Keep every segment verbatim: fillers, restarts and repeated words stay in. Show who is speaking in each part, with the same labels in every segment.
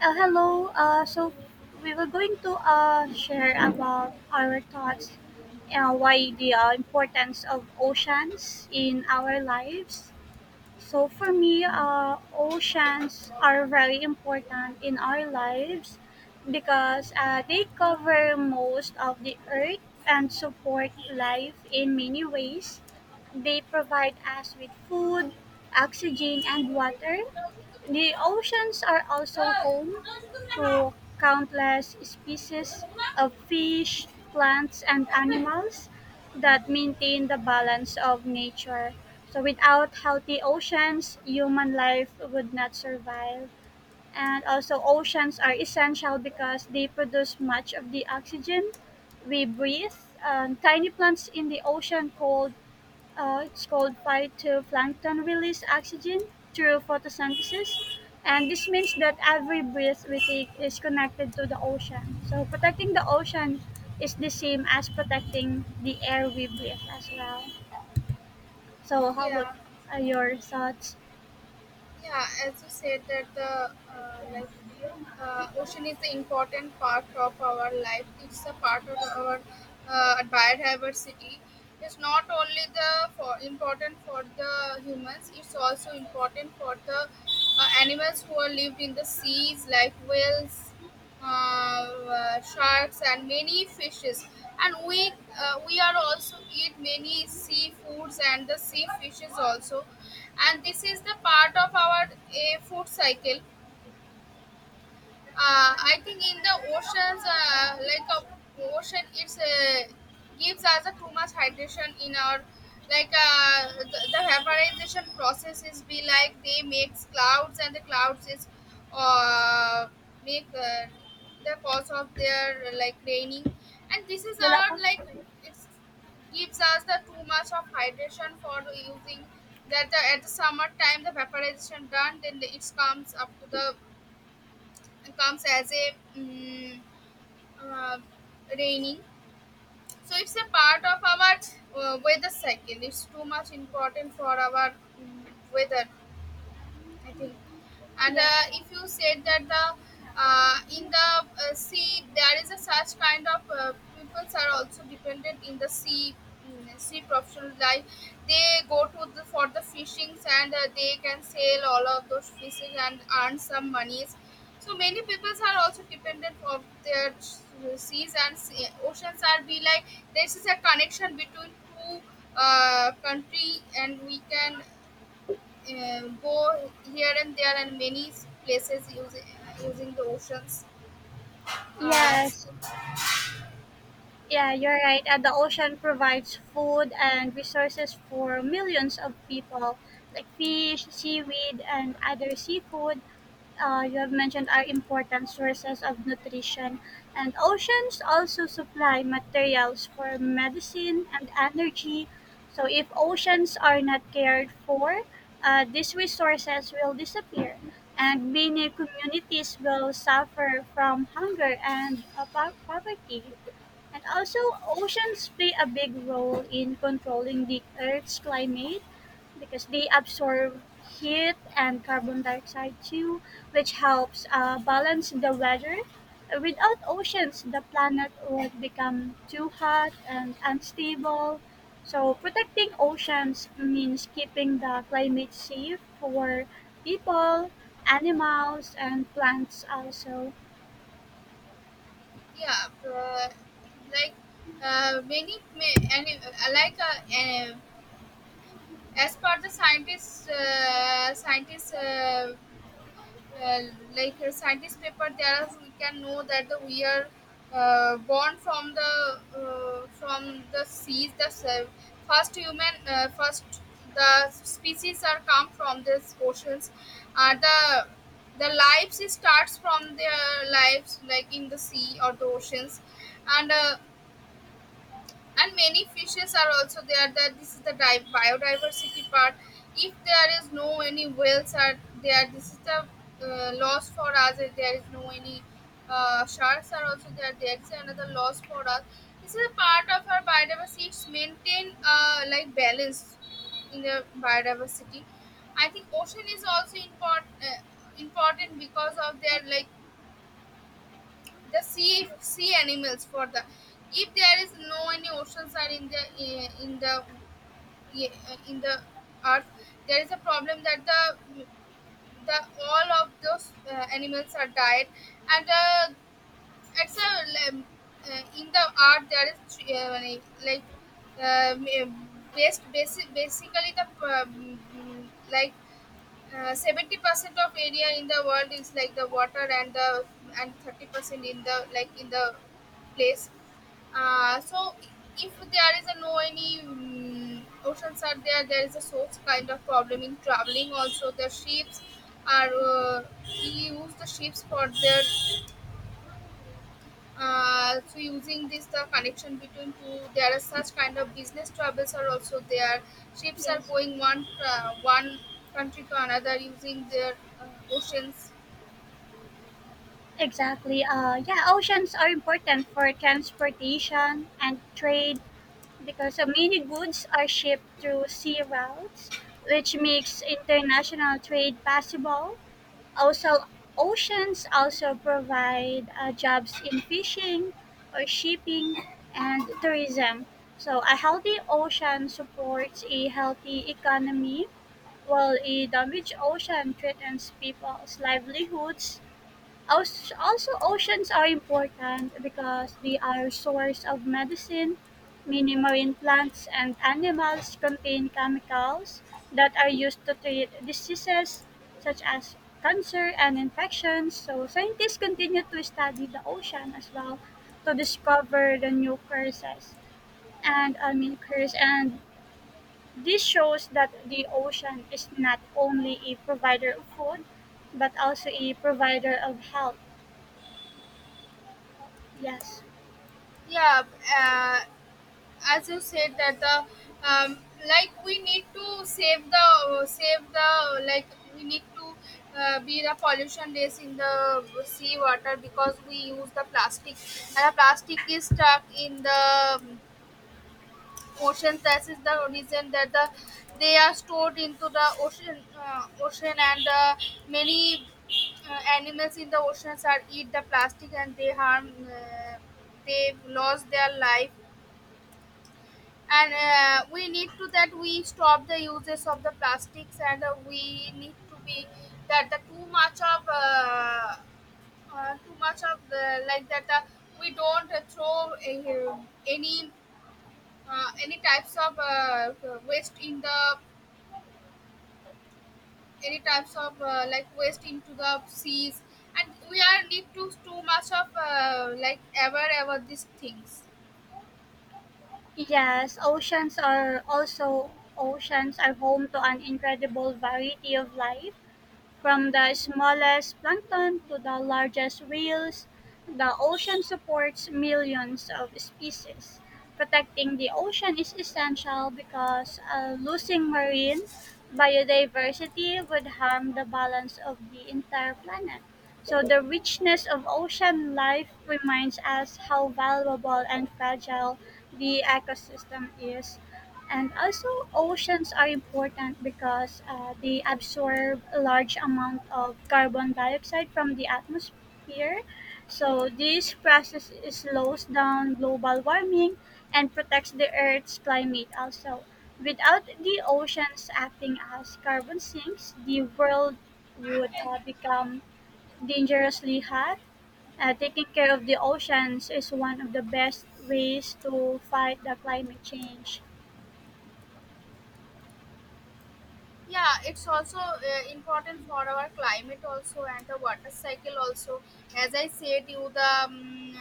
Speaker 1: Uh, hello. Uh, so we were going to uh, share about our thoughts uh, why the uh, importance of oceans in our lives. So for me, uh, oceans are very important in our lives because uh, they cover most of the earth and support life in many ways. They provide us with food, oxygen, and water. The oceans are also home to countless species of fish, plants, and animals that maintain the balance of nature. So, without healthy oceans, human life would not survive. And also, oceans are essential because they produce much of the oxygen we breathe. Um, tiny plants in the ocean called uh, it's called phytoplankton release oxygen through photosynthesis. And this means that every breath we take is connected to the ocean. So protecting the ocean is the same as protecting the air we breathe as well. So how would
Speaker 2: Yeah,
Speaker 1: uh, your thoughts?
Speaker 2: yeah, as you said that the uh, like uh, ocean is the important part of our life. It's a part of our uh, biodiversity. It's not only the for important for the humans, it's also important for the uh, animals who are lived in the seas like whales, uh, uh, sharks and many fishes. And we uh, we are also eat many seafoods and the sea fishes also, and this is the part of our a food cycle. uh, I think in the oceans, uh, like a ocean, it's uh, gives us a too much hydration in our, like uh, the, the vaporization process is be like they makes clouds, and the clouds is uh, make uh, the cause of their like raining. And this is
Speaker 1: Wala pa?
Speaker 2: our, like, it's gives us the too much of hydration for using, that the, at the summer time the vaporization done, then it comes up to the, comes as a mm, uh, raining. So it's a part of our uh, weather cycle, it's too much important for our mm, weather, I think. And uh,
Speaker 1: Yes.
Speaker 2: if you said that the uh, in the uh, sea there is a such kind of uh, peoples are also dependent in the sea, mm, sea professional life. They go to the for the fishings, and uh, they can sell all of those fishes and earn some monies. So many peoples are also dependent of their s- seas and sea- oceans are be like, this is a connection between two uh, country, and we can uh, go here and there and many places using uh, using the oceans. uh,
Speaker 1: Yes. Yeah, you're right. Uh, the ocean provides food and resources for millions of people, like fish, seaweed, and other seafood. Uh, you have mentioned are important sources of nutrition, and oceans also supply materials for medicine and energy. So, if oceans are not cared for, uh, these resources will disappear, and many communities will suffer from hunger and uh, po- poverty. And also, oceans play a big role in controlling the Earth's climate because they absorb heat and carbon dioxide too, which helps uh, balance the weather. Without oceans, the planet would become too hot and unstable. So, protecting oceans means keeping the climate safe for people, animals, and plants, also.
Speaker 2: yeah, uh, like uh, many ma- and uh, like uh, uh, as per the scientists uh, scientists uh, uh, like a scientist paper, there are- we can know that the, we are uh, born from the uh, from the seas, the se- first human, uh, first the species are come from these oceans. uh, the the lives starts from their lives, like in the sea or the oceans. And uh, and many fishes are also there, that this is the di- biodiversity part. If there is no any whales are there, this is the uh, loss for us. If there is no any uh, sharks are also there there is another loss for us. This is a part of our biodiversity, it's maintain uh, like balance in the biodiversity. I think ocean is also important uh, important because of their, like, the sea sea animals for the, if there is no any oceans are in the in the in the earth, there is a problem that the the all of those uh, animals are died. And uh, it's a, um, uh, in the art there is three, uh, like um, uh, based basic basically the um, like uh, Seventy percent of area in the world is like the water, and the and thirty percent in the, like, in the place. Uh, so if there is a no any mm oceans are there, there is a source kind of problem in traveling. Also, the ships are, uh, we use the ships for their, uh, so using this the connection between two there are such kind of business travels are also there, ships are
Speaker 1: Yes.
Speaker 2: going one uh, one country to another using their uh, oceans.
Speaker 1: Exactly. Uh, yeah, oceans are important for transportation and trade because uh, many goods are shipped through sea routes, which makes international trade possible. Also, oceans also provide uh, jobs in fishing or shipping and tourism. So, a healthy ocean supports a healthy economy, while a damaged ocean threatens people's livelihoods. Als- Also, oceans are important because they are source of medicine. Many marine plants and animals contain chemicals that are used to treat diseases such as cancer and infections. So, scientists continue to study the ocean as well to discover the new curses and I mean curse, and this shows that the ocean is not only a provider of food but also a provider of health. Yes.
Speaker 2: Yeah, uh, as you said that the um, like we need to save the save the like, we need to uh, be the pollution less in the sea water, because we use the plastic and the plastic is stuck in the um, ocean, trash is the reason that the they are stored into the ocean uh, ocean and uh, many uh, animals in the oceans are eat the plastic and they harm, uh, they lost their life. And uh, we need to that we stop the uses of the plastics, and uh, we need to be that the too much of uh, uh, too much of the, like, that uh, we don't uh, throw uh, any uh, any types of uh, waste in the any types of uh, like waste into the seas. And we are need to too much of uh, like ever ever these things.
Speaker 1: Yes, oceans are also oceans are home to an incredible variety of life. From the smallest plankton to the largest whales, the ocean supports millions of species. Protecting the ocean is essential because uh, losing marine biodiversity would harm the balance of the entire planet. So, the richness of ocean life reminds us how valuable and fragile the ecosystem is. And also, oceans are important because uh, they absorb a large amount of carbon dioxide from the atmosphere. So, this process slows down global warming and protects the Earth's climate also. Without the oceans acting as carbon sinks, the world would uh, become dangerously hot. Uh, taking care of the oceans is one of the best ways to fight the climate change.
Speaker 2: Yeah, it's also uh, important for our climate also, and the water cycle also. As I said you the um,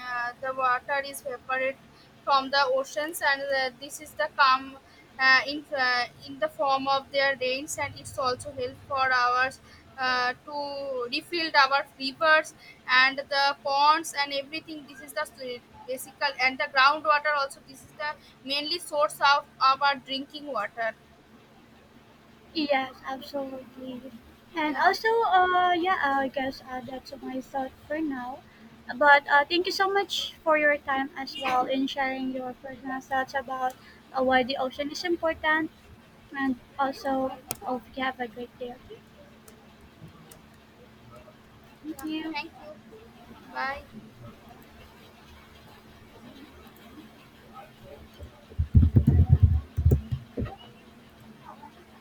Speaker 2: uh, the water is evaporate from the oceans, and uh, this is the come uh, in uh, in the form of their rains, and it's also help for ours uh, to refill our rivers and the ponds and everything. This is the s- basic, and the groundwater also, this is the mainly source of our drinking water.
Speaker 1: Yes, absolutely. And
Speaker 2: Yeah.
Speaker 1: also, uh, yeah, I guess uh, that's my thought for now. But uh, thank you so much for your time as well in sharing your personal thoughts about uh, why the ocean is important. And also, hope you have a great day. Thank
Speaker 2: Yeah,
Speaker 1: you.
Speaker 2: thank you. Bye.